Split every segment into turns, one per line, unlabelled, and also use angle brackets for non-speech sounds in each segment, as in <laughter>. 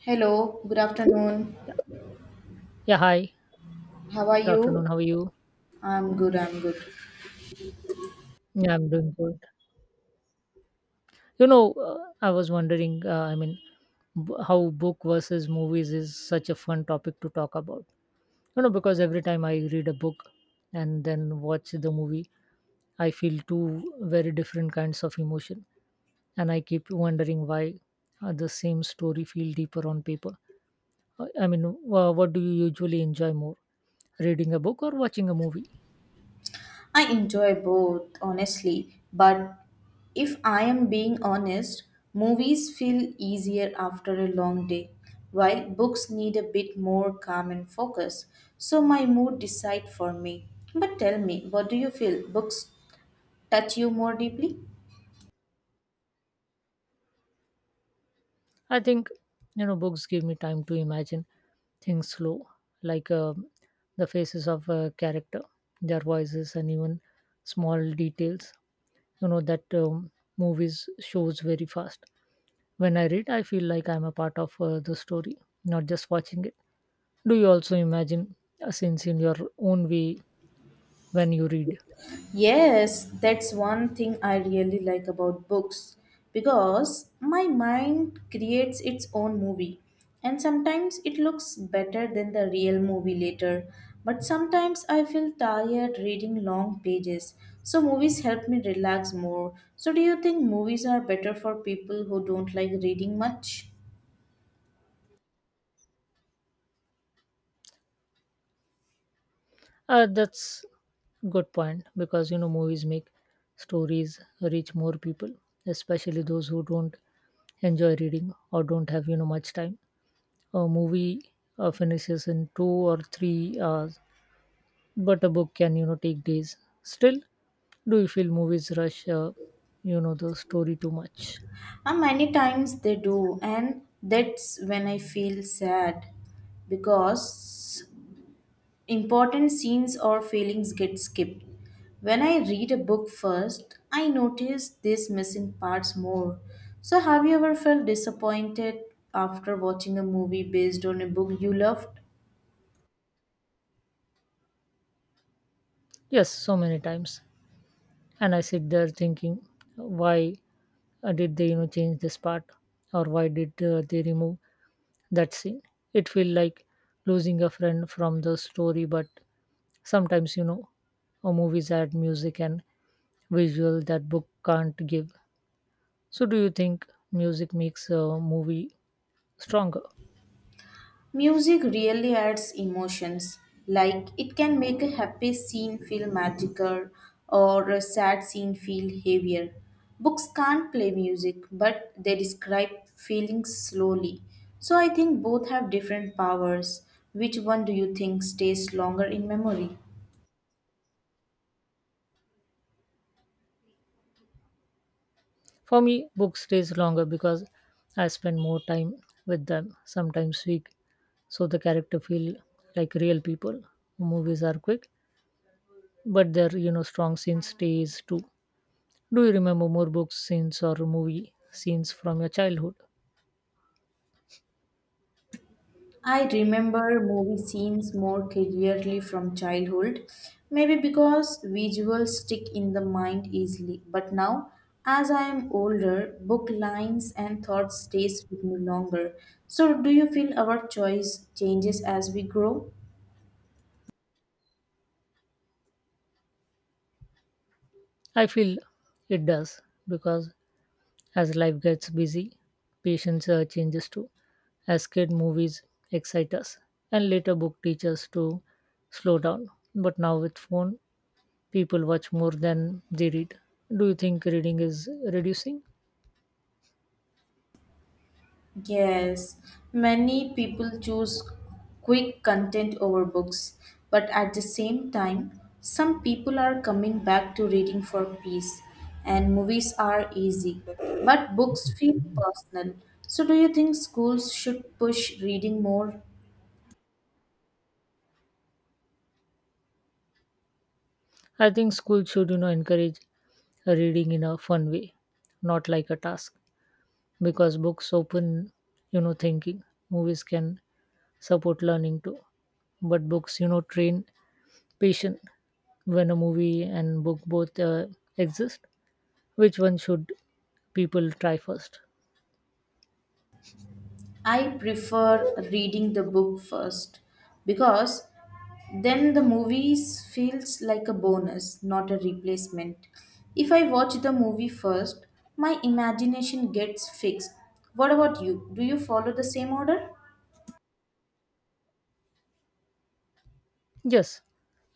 Hello, good afternoon.
Yeah. Yeah. Hi.
How are
Good
you?
afternoon. How are you?
I'm good, I'm good.
Yeah, I'm doing good. You know, uh, I was wondering. I mean, how book versus movies is such a fun topic to talk about. Because every time I read a book and then watch the movie, I feel two very different kinds of emotion, and I keep wondering why the same story feel deeper on paper. I mean, what do you usually enjoy more, reading a book or watching a movie?
I enjoy both, honestly, but if I am being honest, movies feel easier after a long day, while books need a bit more calm and focus. So my mood decide for me. But tell me, what do you feel? Books touch you more deeply?
I think books give me time to imagine things slow, like the faces of a character, their voices, and even small details. You know that movies shows very fast. When I read, I feel like I'm a part of the story, not just watching it. Do you also imagine scenes in your own way when you read?
Yes, that's one thing I really like about books because my mind creates its own movie and sometimes it looks better than the real movie later. But sometimes I feel tired reading long pages, so movies help me relax more. So, do you think movies are better for people who don't like reading much?
That's good point because movies make stories reach more people, especially those who don't enjoy reading or don't have much time. A movie finishes in 2 or 3 hours, but a book can take days. Still, do you feel movies rush the story too much?
Many times they do, and that's when I feel sad because important scenes or feelings get skipped. When I read a book first, I notice these missing parts more. So, have you ever felt disappointed after watching a movie based on a book you loved?
Yes, so many times, and I sit there thinking, why did they change this part, or why did they remove. That's it. It feel like losing a friend from the story, but sometimes, a movies add music and visual that book can't give. So, do you think music makes a movie stronger?
Music really adds emotions, like it can make a happy scene feel magical or a sad scene feel heavier. Books can't play music, but they describe feelings slowly. So I think both have different powers. Which one do you think stays longer in memory?
For me, book stays longer because I spend more time with them. Sometimes week, so the character feel like real people. Movies are quick, but their strong scene stays too. Do you remember more book scenes or movie scenes from your childhood?
I remember movie scenes more clearly from childhood, maybe because visuals stick in the mind easily. But now, as I am older, book lines and thoughts stays with me longer. So, do you feel our choice changes as we grow?
I feel it does because as life gets busy, patience changes too. As kid, movies excite us, and later book teach us to slow down. But now with phone, people watch more than they read. Do you think reading is reducing?
Yes, many people choose quick content over books, but at the same time, some people are coming back to reading for peace, and movies are easy, but books feel personal. So, do you think schools should push reading more?
I think school should encourage reading in a fun way, not like a task, because books open thinking. Movies can support learning too, but books train patience when a movie and book both exist, which one should people try first?
I prefer reading the book first because then the movies feels like a bonus, not a replacement. If I watch the movie first, my imagination gets fixed. What about you? Do you follow the same order?
Yes,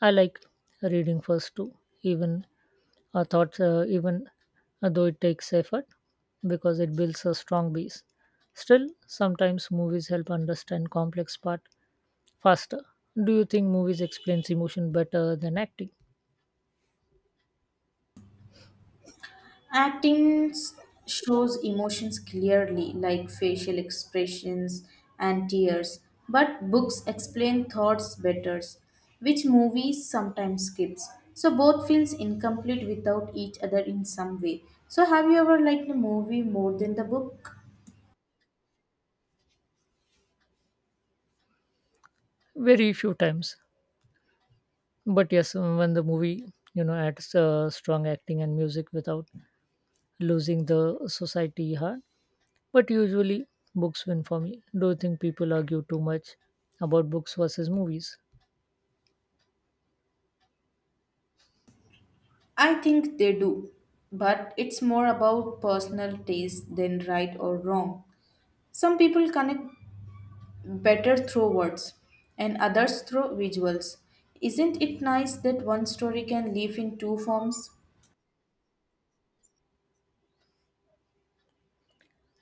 I like reading first too, even even though it takes effort because it builds a strong base. Still, sometimes movies help understand complex part faster. Do you think movies explains emotion better than acting?
Acting shows emotions clearly, like facial expressions and tears, but books explain thoughts better, which movies sometimes skips. So both feels incomplete without each other in some way. So have you ever liked a movie more than the book?
Very few times, but yes, when the movie adds strong acting and music without losing the society heart. But usually, books win for me. Do you think people argue too much about books versus movies?
I think they do, but it's more about personal taste than right or wrong. Some people connect better through words and others through visuals. Isn't it nice that one story can live in two forms?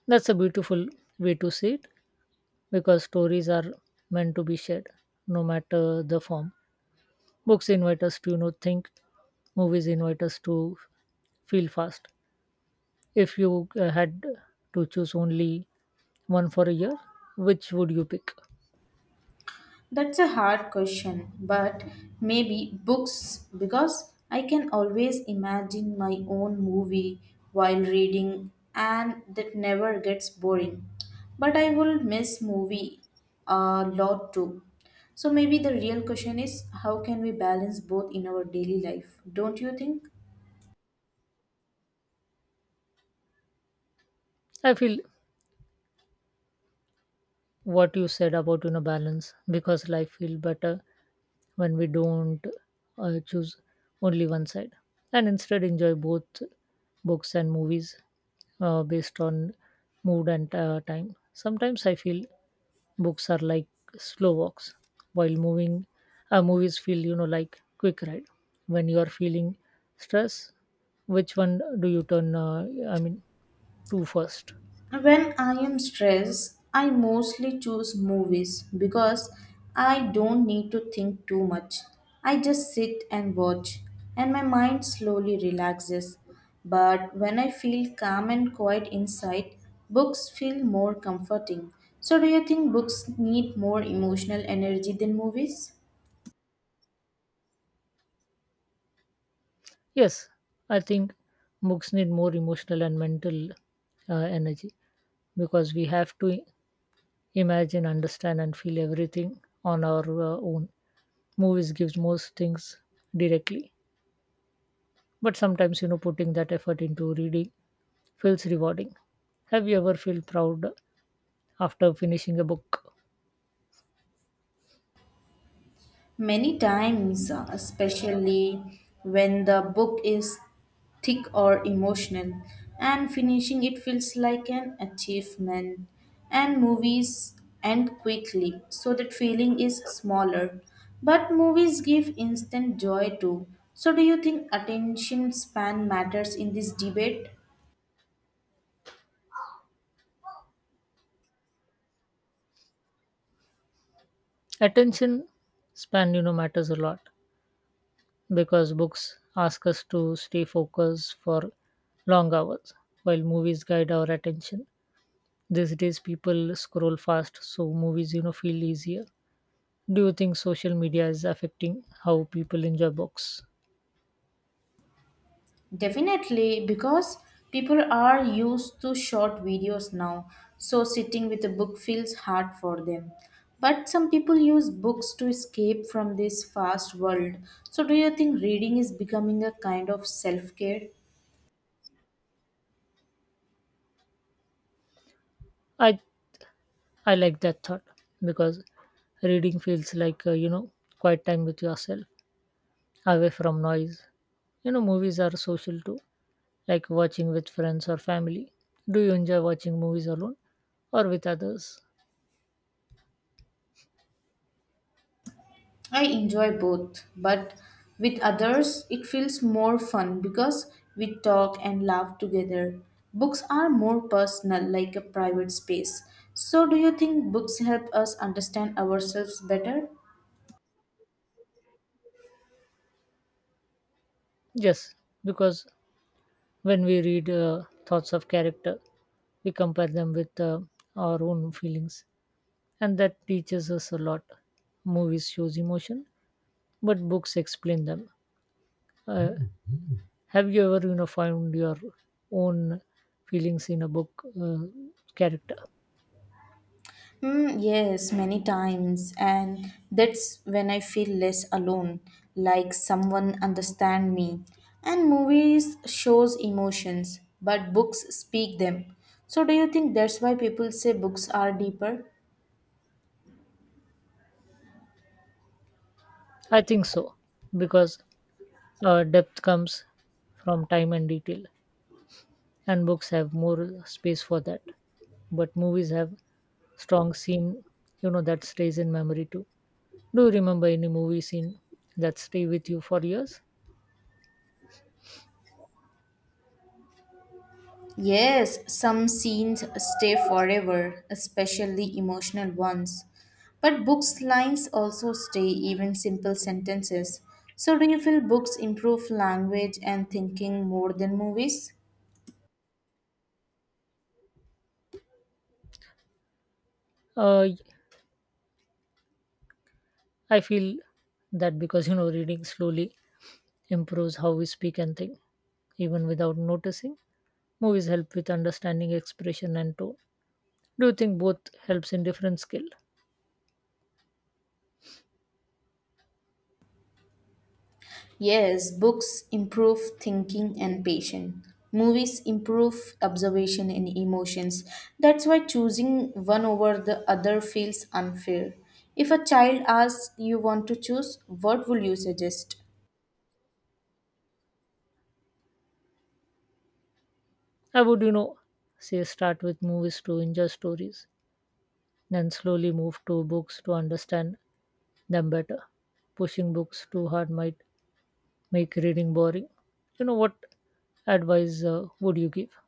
That's a beautiful way to see it because stories are meant to be shared, no matter the form. Books invite us to think. Movies invite us to feel fast. If you had to choose only one for a year, which would you pick?
That's a hard question, but maybe books because I can always imagine my own movie while reading and that never gets boring. But I will miss movie a lot too. So maybe the real question is how can we balance both in our daily life? Don't you think?
I feel what you said about balance because life feel better when we don't choose only one side and instead enjoy both books and movies based on mood and time. Sometimes I feel books are like slow walks, while moving movies feel like quick ride. When you are feeling stress, which one do you turn? I mean, to first.
When I am stressed, I mostly choose movies because I don't need to think too much. I just sit and watch, and my mind slowly relaxes. But when I feel calm and quiet inside, books feel more comforting. So, do you think books need more emotional energy than movies?
Yes, I think books need more emotional and mental energy because we have to imagine, understand, and feel everything on our own. Movies gives most things directly, but sometimes putting that effort into reading feels rewarding. Have you ever felt proud after finishing a book?
Many times, especially when the book is thick or emotional, and finishing it feels like an achievement. And movies end quickly, so that feeling is smaller. But movies give instant joy too. So, do you think attention span matters in this debate?
Attention span matters a lot because books ask us to stay focused for long hours while movies guide our attention. These days people scroll fast, so movies feel easier. Do you think social media is affecting how people enjoy books?
Definitely, because people are used to short videos now, so sitting with a book feels hard for them. But some people use books to escape from this fast world. So, do you think reading is becoming a kind of self care?
I I like that thought because reading feels like quiet time with yourself, away from noise. Movies are social too, like watching with friends or family. Do you enjoy watching movies alone or with others?
I enjoy both, but with others, it feels more fun because we talk and laugh together. Books are more personal, like a private space. So, do you think books help us understand ourselves better?
Yes, because when we read thoughts of character, we compare them with our own feelings, and that teaches us a lot. Movies shows emotion but books explain them. Uh, have you ever, found your own feelings in a book character?
Mm, yes, many times, and that's when I feel less alone, like someone understand me. And movies shows emotions, but books speak them. So do you think that's why people say books are deeper?
I think so, because depth comes from time and detail, and books have more space for that. But movies have strong scene, that stays in memory too. Do you remember any movie scene that stay with you for years?
Yes, some scenes stay forever, especially emotional ones. But books lines also stay even simple sentences. So do you feel books improve language and thinking more than movies?
Uh, I feel that because reading slowly improves how we speak and think, even without noticing. Movies help with understanding expression and tone. Do you think both helps in different skill?
Yes, books improve thinking and patience. Movies improve observation and emotions. That's why choosing one over the other feels unfair. If a child asks you want to choose, what will you suggest?
I would, say start with movies to enjoy stories, then slowly move to books to understand them better. Pushing books too hard might make reading boring. You know what advice would you give?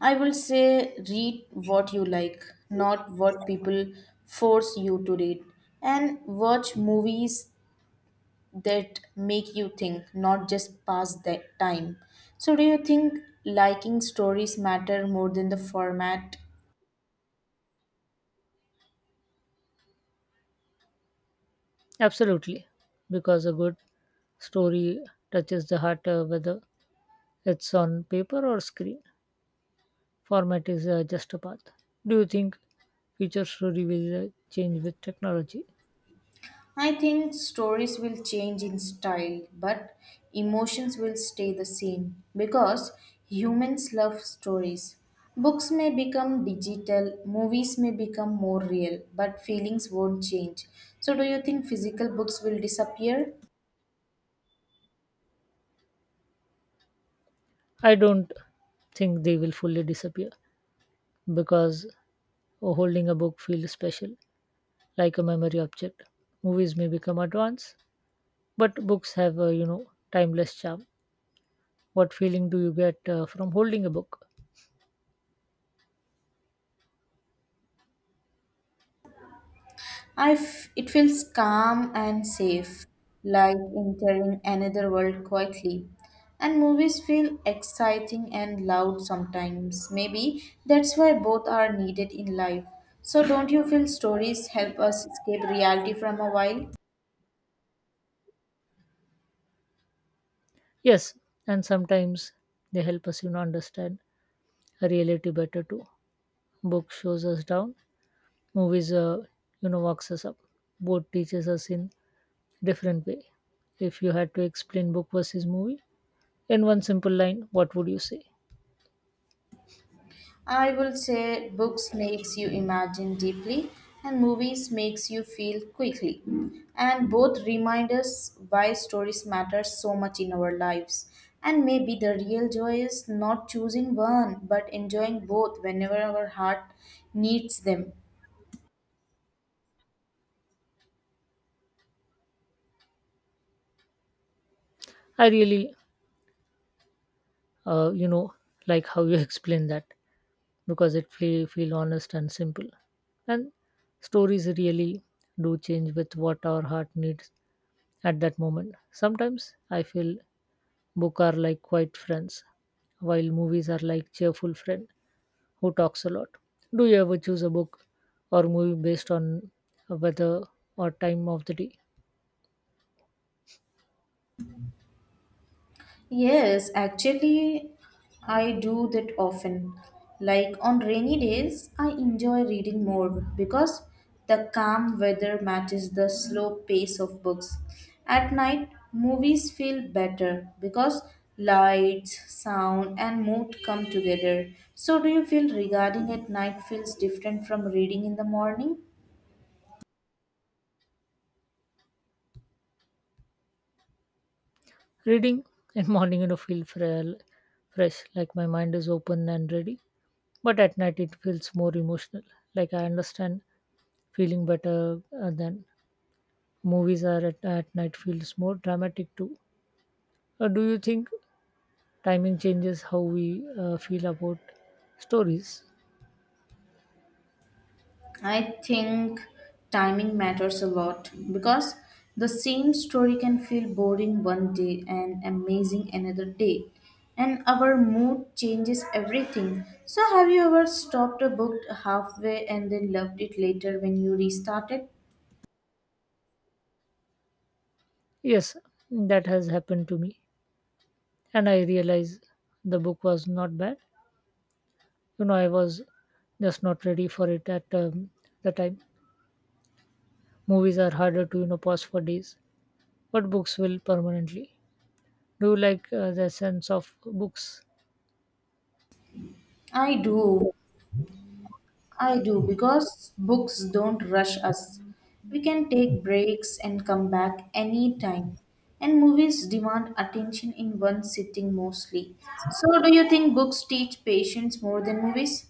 I will say read what you like, not what people force you to read. And watch movies that make you think, not just pass the time. So, do you think liking stories matter more than the format?
Absolutely, because a good story touches the heart whether it's on paper or screen. Format is just a path. Do you think future story will change with technology?
I think stories will change in style, but emotions will stay the same because humans love stories. Books may become digital, movies may become more real, but feelings won't change. So, do you think physical books will disappear?
I don't think they will fully disappear because holding a book feels special, like a memory object. Movies may become advanced, but books have a timeless charm. What feeling do you get from holding a book?
It feels calm and safe, like entering another world quietly. And movies feel exciting and loud sometimes. Maybe that's why both are needed in life. So, don't you feel stories help us escape reality from a while?
Yes, and sometimes they help us understand reality better too. Book shows us down, movies walks us up. Both teaches us in different way. If you had to explain book versus movie in one simple line, what would you say?
I will say books makes you imagine deeply and movies makes you feel quickly. And both remind us why stories matter so much in our lives. And maybe the real joy is not choosing one but enjoying both whenever our heart needs them.
I really, uh, you know, like how you <laughs> explain that because it feel honest and simple. And stories really do change with what our heart needs at that moment. Sometimes I feel book are like quiet friends, while movies are like cheerful friend who talks a lot. Do you ever choose a book or movie based on weather or time of the day?
Yes, actually, I do that often. Like on rainy days, I enjoy reading more because the calm weather matches the slow pace of books. At night, movies feel better because lights, sound, and mood come together. So, do you feel regarding at night feels different from reading in the morning?
Reading in morning, feel fresh, like my mind is open and ready. But at night, it feels more emotional. Like I understand feeling better than movies are at night feels more dramatic too. Do you think timing changes how we feel about stories?
I think timing matters a lot because the same story can feel boring one day and amazing another day, and our mood changes everything. So, have you ever stopped a book halfway and then loved it later when you restarted?
Yes, that has happened to me, and I realize the book was not bad. I was just not ready for it at the time. Movies are harder to pause for days. But books will permanently. Do you like the sense of books?
I do. I do because books don't rush us. We can take breaks and come back anytime. And movies demand attention in one sitting mostly. So, do you think books teach patience more than movies?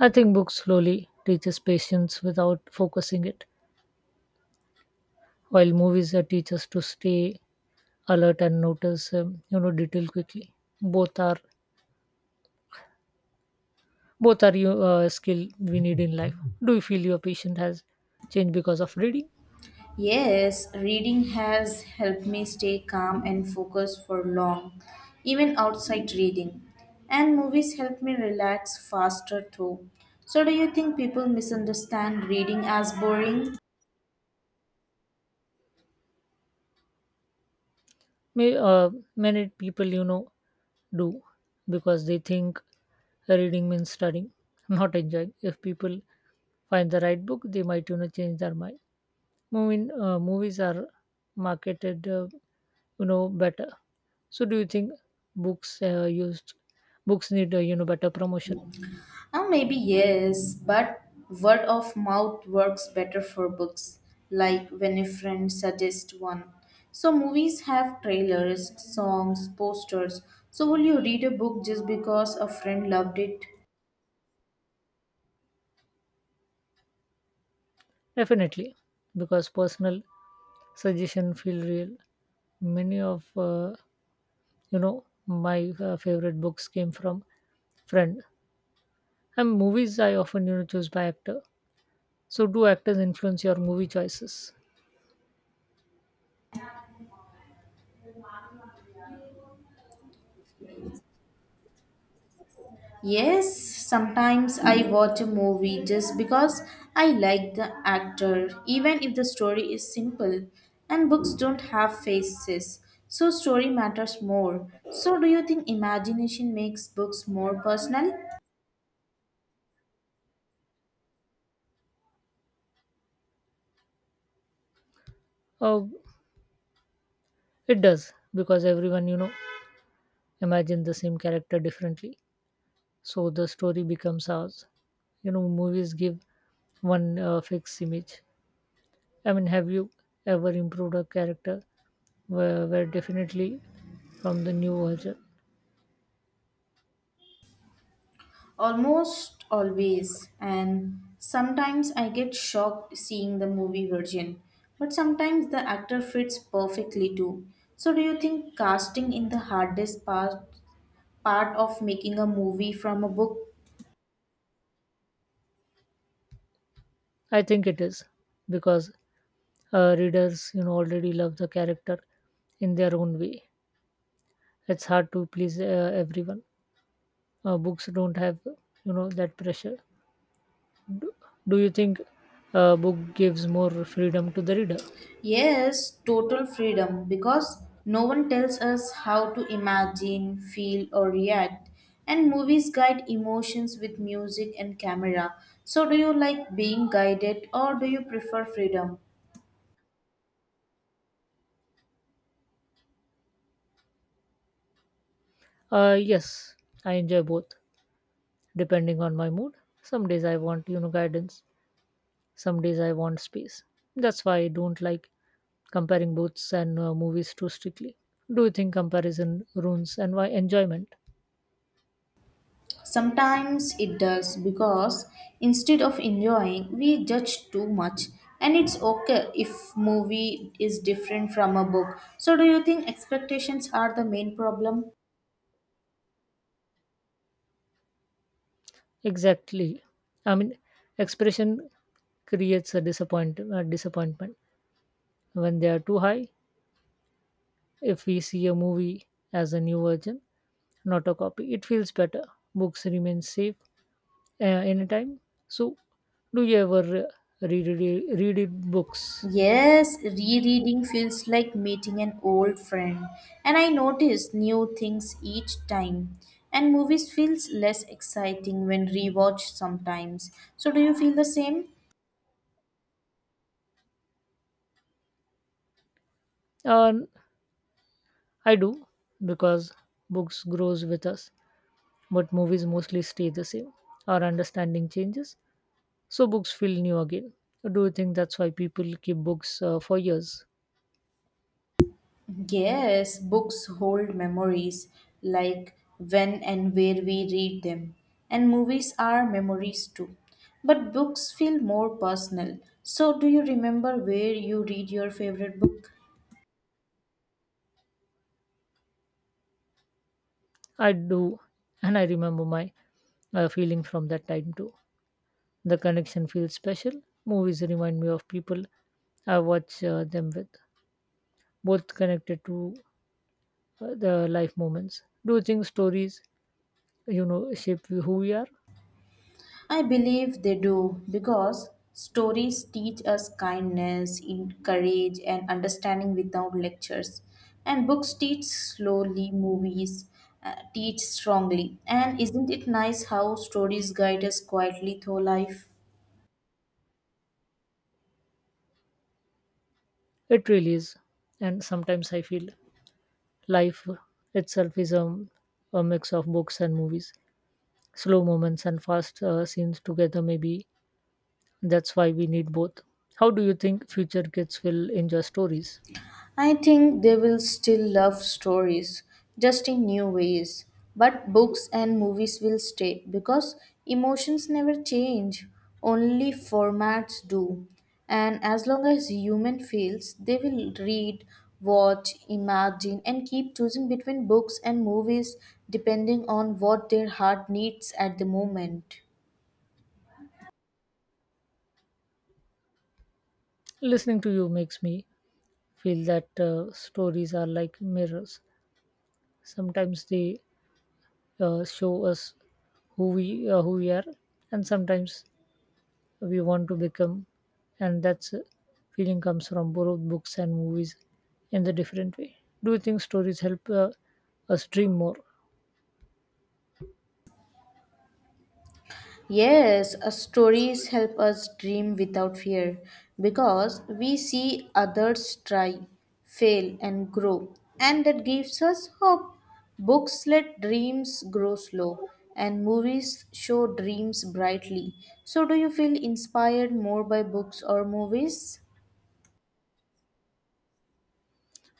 I think books slowly teaches patience without focusing it, while movies teach us to stay alert and notice detail quickly. Both are both are you skill we need in life. Do you feel your patient has changed because of reading?
Yes, reading has helped me stay calm and focused for long, even outside reading. And movies help me relax faster too. So, do you think people misunderstand reading as boring?
May, uh, Many people do because they think reading means studying, <laughs> not enjoying. If people find the right book, they might change their mind. Moving Movies are marketed better. So do you think books uh, used books need better promotion?
Maybe yes, but word of mouth works better for books, like when a friend suggests one. So, movies have trailers, songs, posters. So, will you read a book just because a friend loved it?
Definitely, because personal suggestion feel real. Many of my favorite books came from friend, and movies I often choose by actor. So do actors influence your movie choices?
Yes, sometimes I watch a movie just because I like the actor, even if the story is simple. And books don't have faces, so story matters more. So, do you think imagination makes books more personal?
uh, it does because everyone imagine the same character differently, so the story becomes ours. Movies give one fixed image. I mean, have you ever improved a character where definitely from the new version?
Almost always, and sometimes I get shocked seeing the movie version, but sometimes the actor fits perfectly too. So, do you think casting in the hardest part of making a movie from a book?
I think it is because readers already love the character in their own way. It's hard to please everyone. Books don't have that pressure. Do, do you think a book gives more freedom to the reader?
Yes, total freedom because no one tells us how to imagine, feel, or react. And movies guide emotions with music and camera. So, do you like being guided or do you prefer freedom?
Yes, I enjoy both depending on my mood. Some days I want, guidance. Some days I want space. That's why I don't like comparing books and movies too strictly. Do you think comparison ruins and why enjoyment?
Sometimes it does because instead of enjoying, we judge too much. And it's okay if movie is different from a book. So do you think expectations are the main problem?
Exactly. I mean, expression creates a disappointment when they are too high. If we see a movie as a new version, not a copy, it feels better. Books remain safe uh, anytime. So, do you ever read books?
Yes, rereading feels like meeting an old friend. And I notice new things each time. And movies feels less exciting when rewatched sometimes. So do you feel the same?
Uh, I do because books grows with us, but movies mostly stay the same. Our understanding changes, so books feel new again. Do you think that's why people keep books for years?
Yes, books hold memories like when and where we read them, and movies are memories too. But books feel more personal. So, do you remember where you read your favorite book?
I do, and I remember my feeling from that time too. The connection feels special. Movies remind me of people I watch them with, both connected to the life moments. Do you think stories, shape who we are?
I believe they do because stories teach us kindness, courage, and understanding without lectures. And books teach slowly, movies teach strongly. And isn't it nice how stories guide us quietly through life?
It really is, and sometimes I feel life itself is a mix of books and movies, slow moments and fast scenes together. Maybe that's why we need both. How do you think future kids will enjoy stories?
I think they will still love stories, just in new ways. But books and movies will stay because emotions never change, only formats do. And as long as human feels, they will read, watch, imagine, and keep choosing between books and movies depending on what their heart needs at the moment.
Listening to you makes me feel that stories are like mirrors. Sometimes they show us who we are, and sometimes we want to become, and that's feeling comes from both books and movies in the different way. Do you think stories help us dream more?
Yes, stories help us dream without fear because we see others try, fail, and grow, and that gives us hope. Books let dreams grow slow, and movies show dreams brightly. So, do you feel inspired more by books or movies?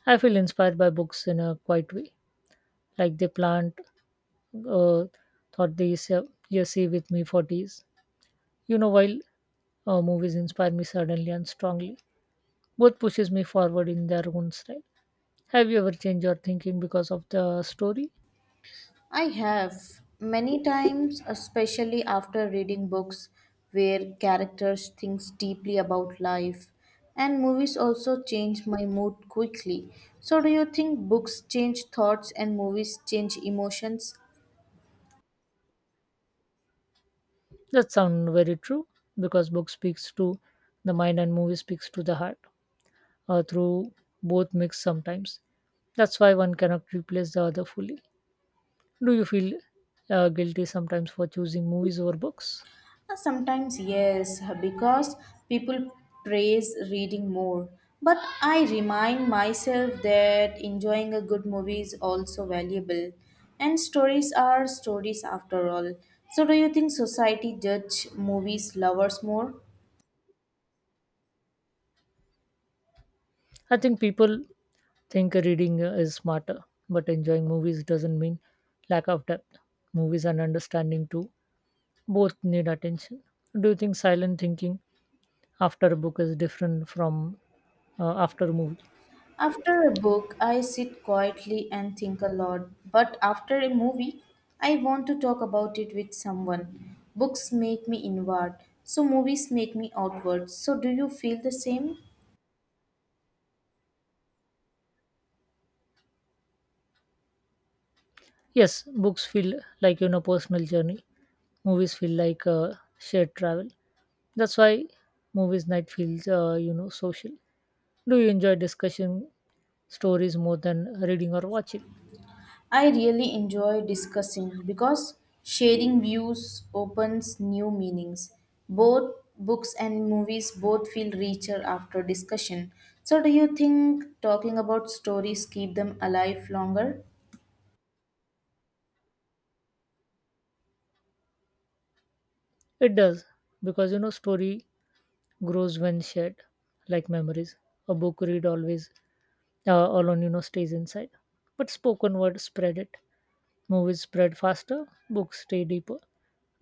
I feel inspired by books in a quiet way, like they plant uh, thought, these you see with me for days, while movies inspire me suddenly and strongly. Both pushes me forward in their own style. Have you ever changed your thinking because of the story?
I have many times, especially after reading books where characters think deeply about life, and movies also change my mood quickly. So, do you think books change thoughts and movies change emotions?
That sounds very true because book speaks to the mind and movie speaks to the heart through both mix sometimes. That's why one cannot replace the other fully. Do you feel guilty sometimes for choosing movies over books?
Sometimes, yes, because people praise reading more. But I remind myself that enjoying a good movie is also valuable. And stories are stories after all. So, do you think society judge movies lovers more?
I think people think reading is smarter, but enjoying movies doesn't mean lack of depth. Movies and understanding too both need attention. Do you think silent thinking after a book is different from after a movie?
After a book, I sit quietly and think a lot. But after a movie, I want to talk about it with someone. Books make me inward, so movies make me outward. So, do you feel the same?
Yes, books feel like personal journey. Movies feel like shared travel. That's why movies night feels social. Do you enjoy discussion stories more than reading or watching?
I really enjoy discussing because sharing views opens new meanings. Both books and movies both feel richer after discussion. So do you think talking about stories keep them alive longer?
It does because story grows when shared, like memories. A book read always alone, stays inside. But spoken word spread it. Movies spread faster. Books stay deeper.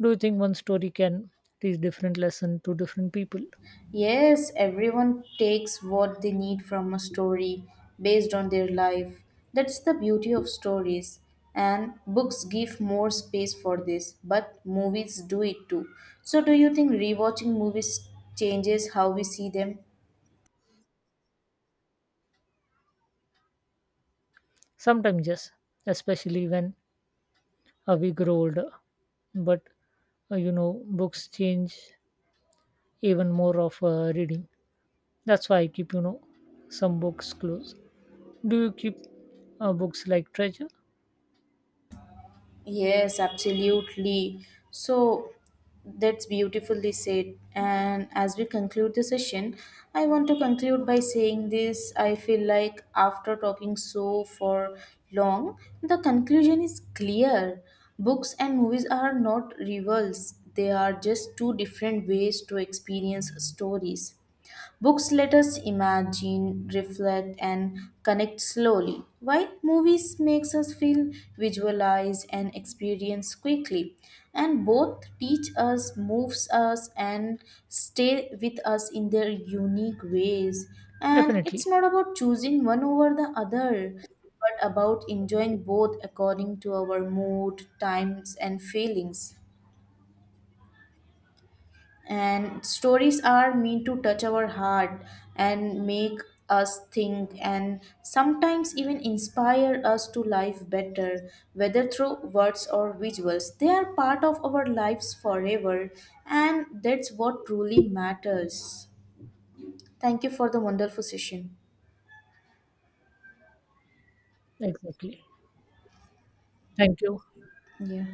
Do you think one story can teach different lesson to different people?
Yes, everyone takes what they need from a story based on their life. That's the beauty of stories. And books give more space for this, but movies do it too. So, do you think rewatching movies changes how we see them?
Sometimes yes, especially when we grow older. But books change even more of reading. That's why I keep, some books close. Do you keep books like treasure?
Yes, absolutely. So that's beautifully said. And as we conclude the session, I want to conclude by saying this. I feel like after talking so for long, the conclusion is clear. Books and movies are not rivals, they are just two different ways to experience stories. Books let us imagine, reflect, and connect slowly, while movies makes us feel, visualize, and experience quickly. And both teach us, moves us, and stay with us in their unique ways. And it's
Definitely.
not about choosing one over the other, but about enjoying both according to our mood, times, and feelings and stories are meant to touch our heart and make us think and sometimes even inspire us to life better whether through words or visuals they are part of our lives forever and that's what truly matters. Thank you for the wonderful session.
Exactly. Thank you.
Yeah.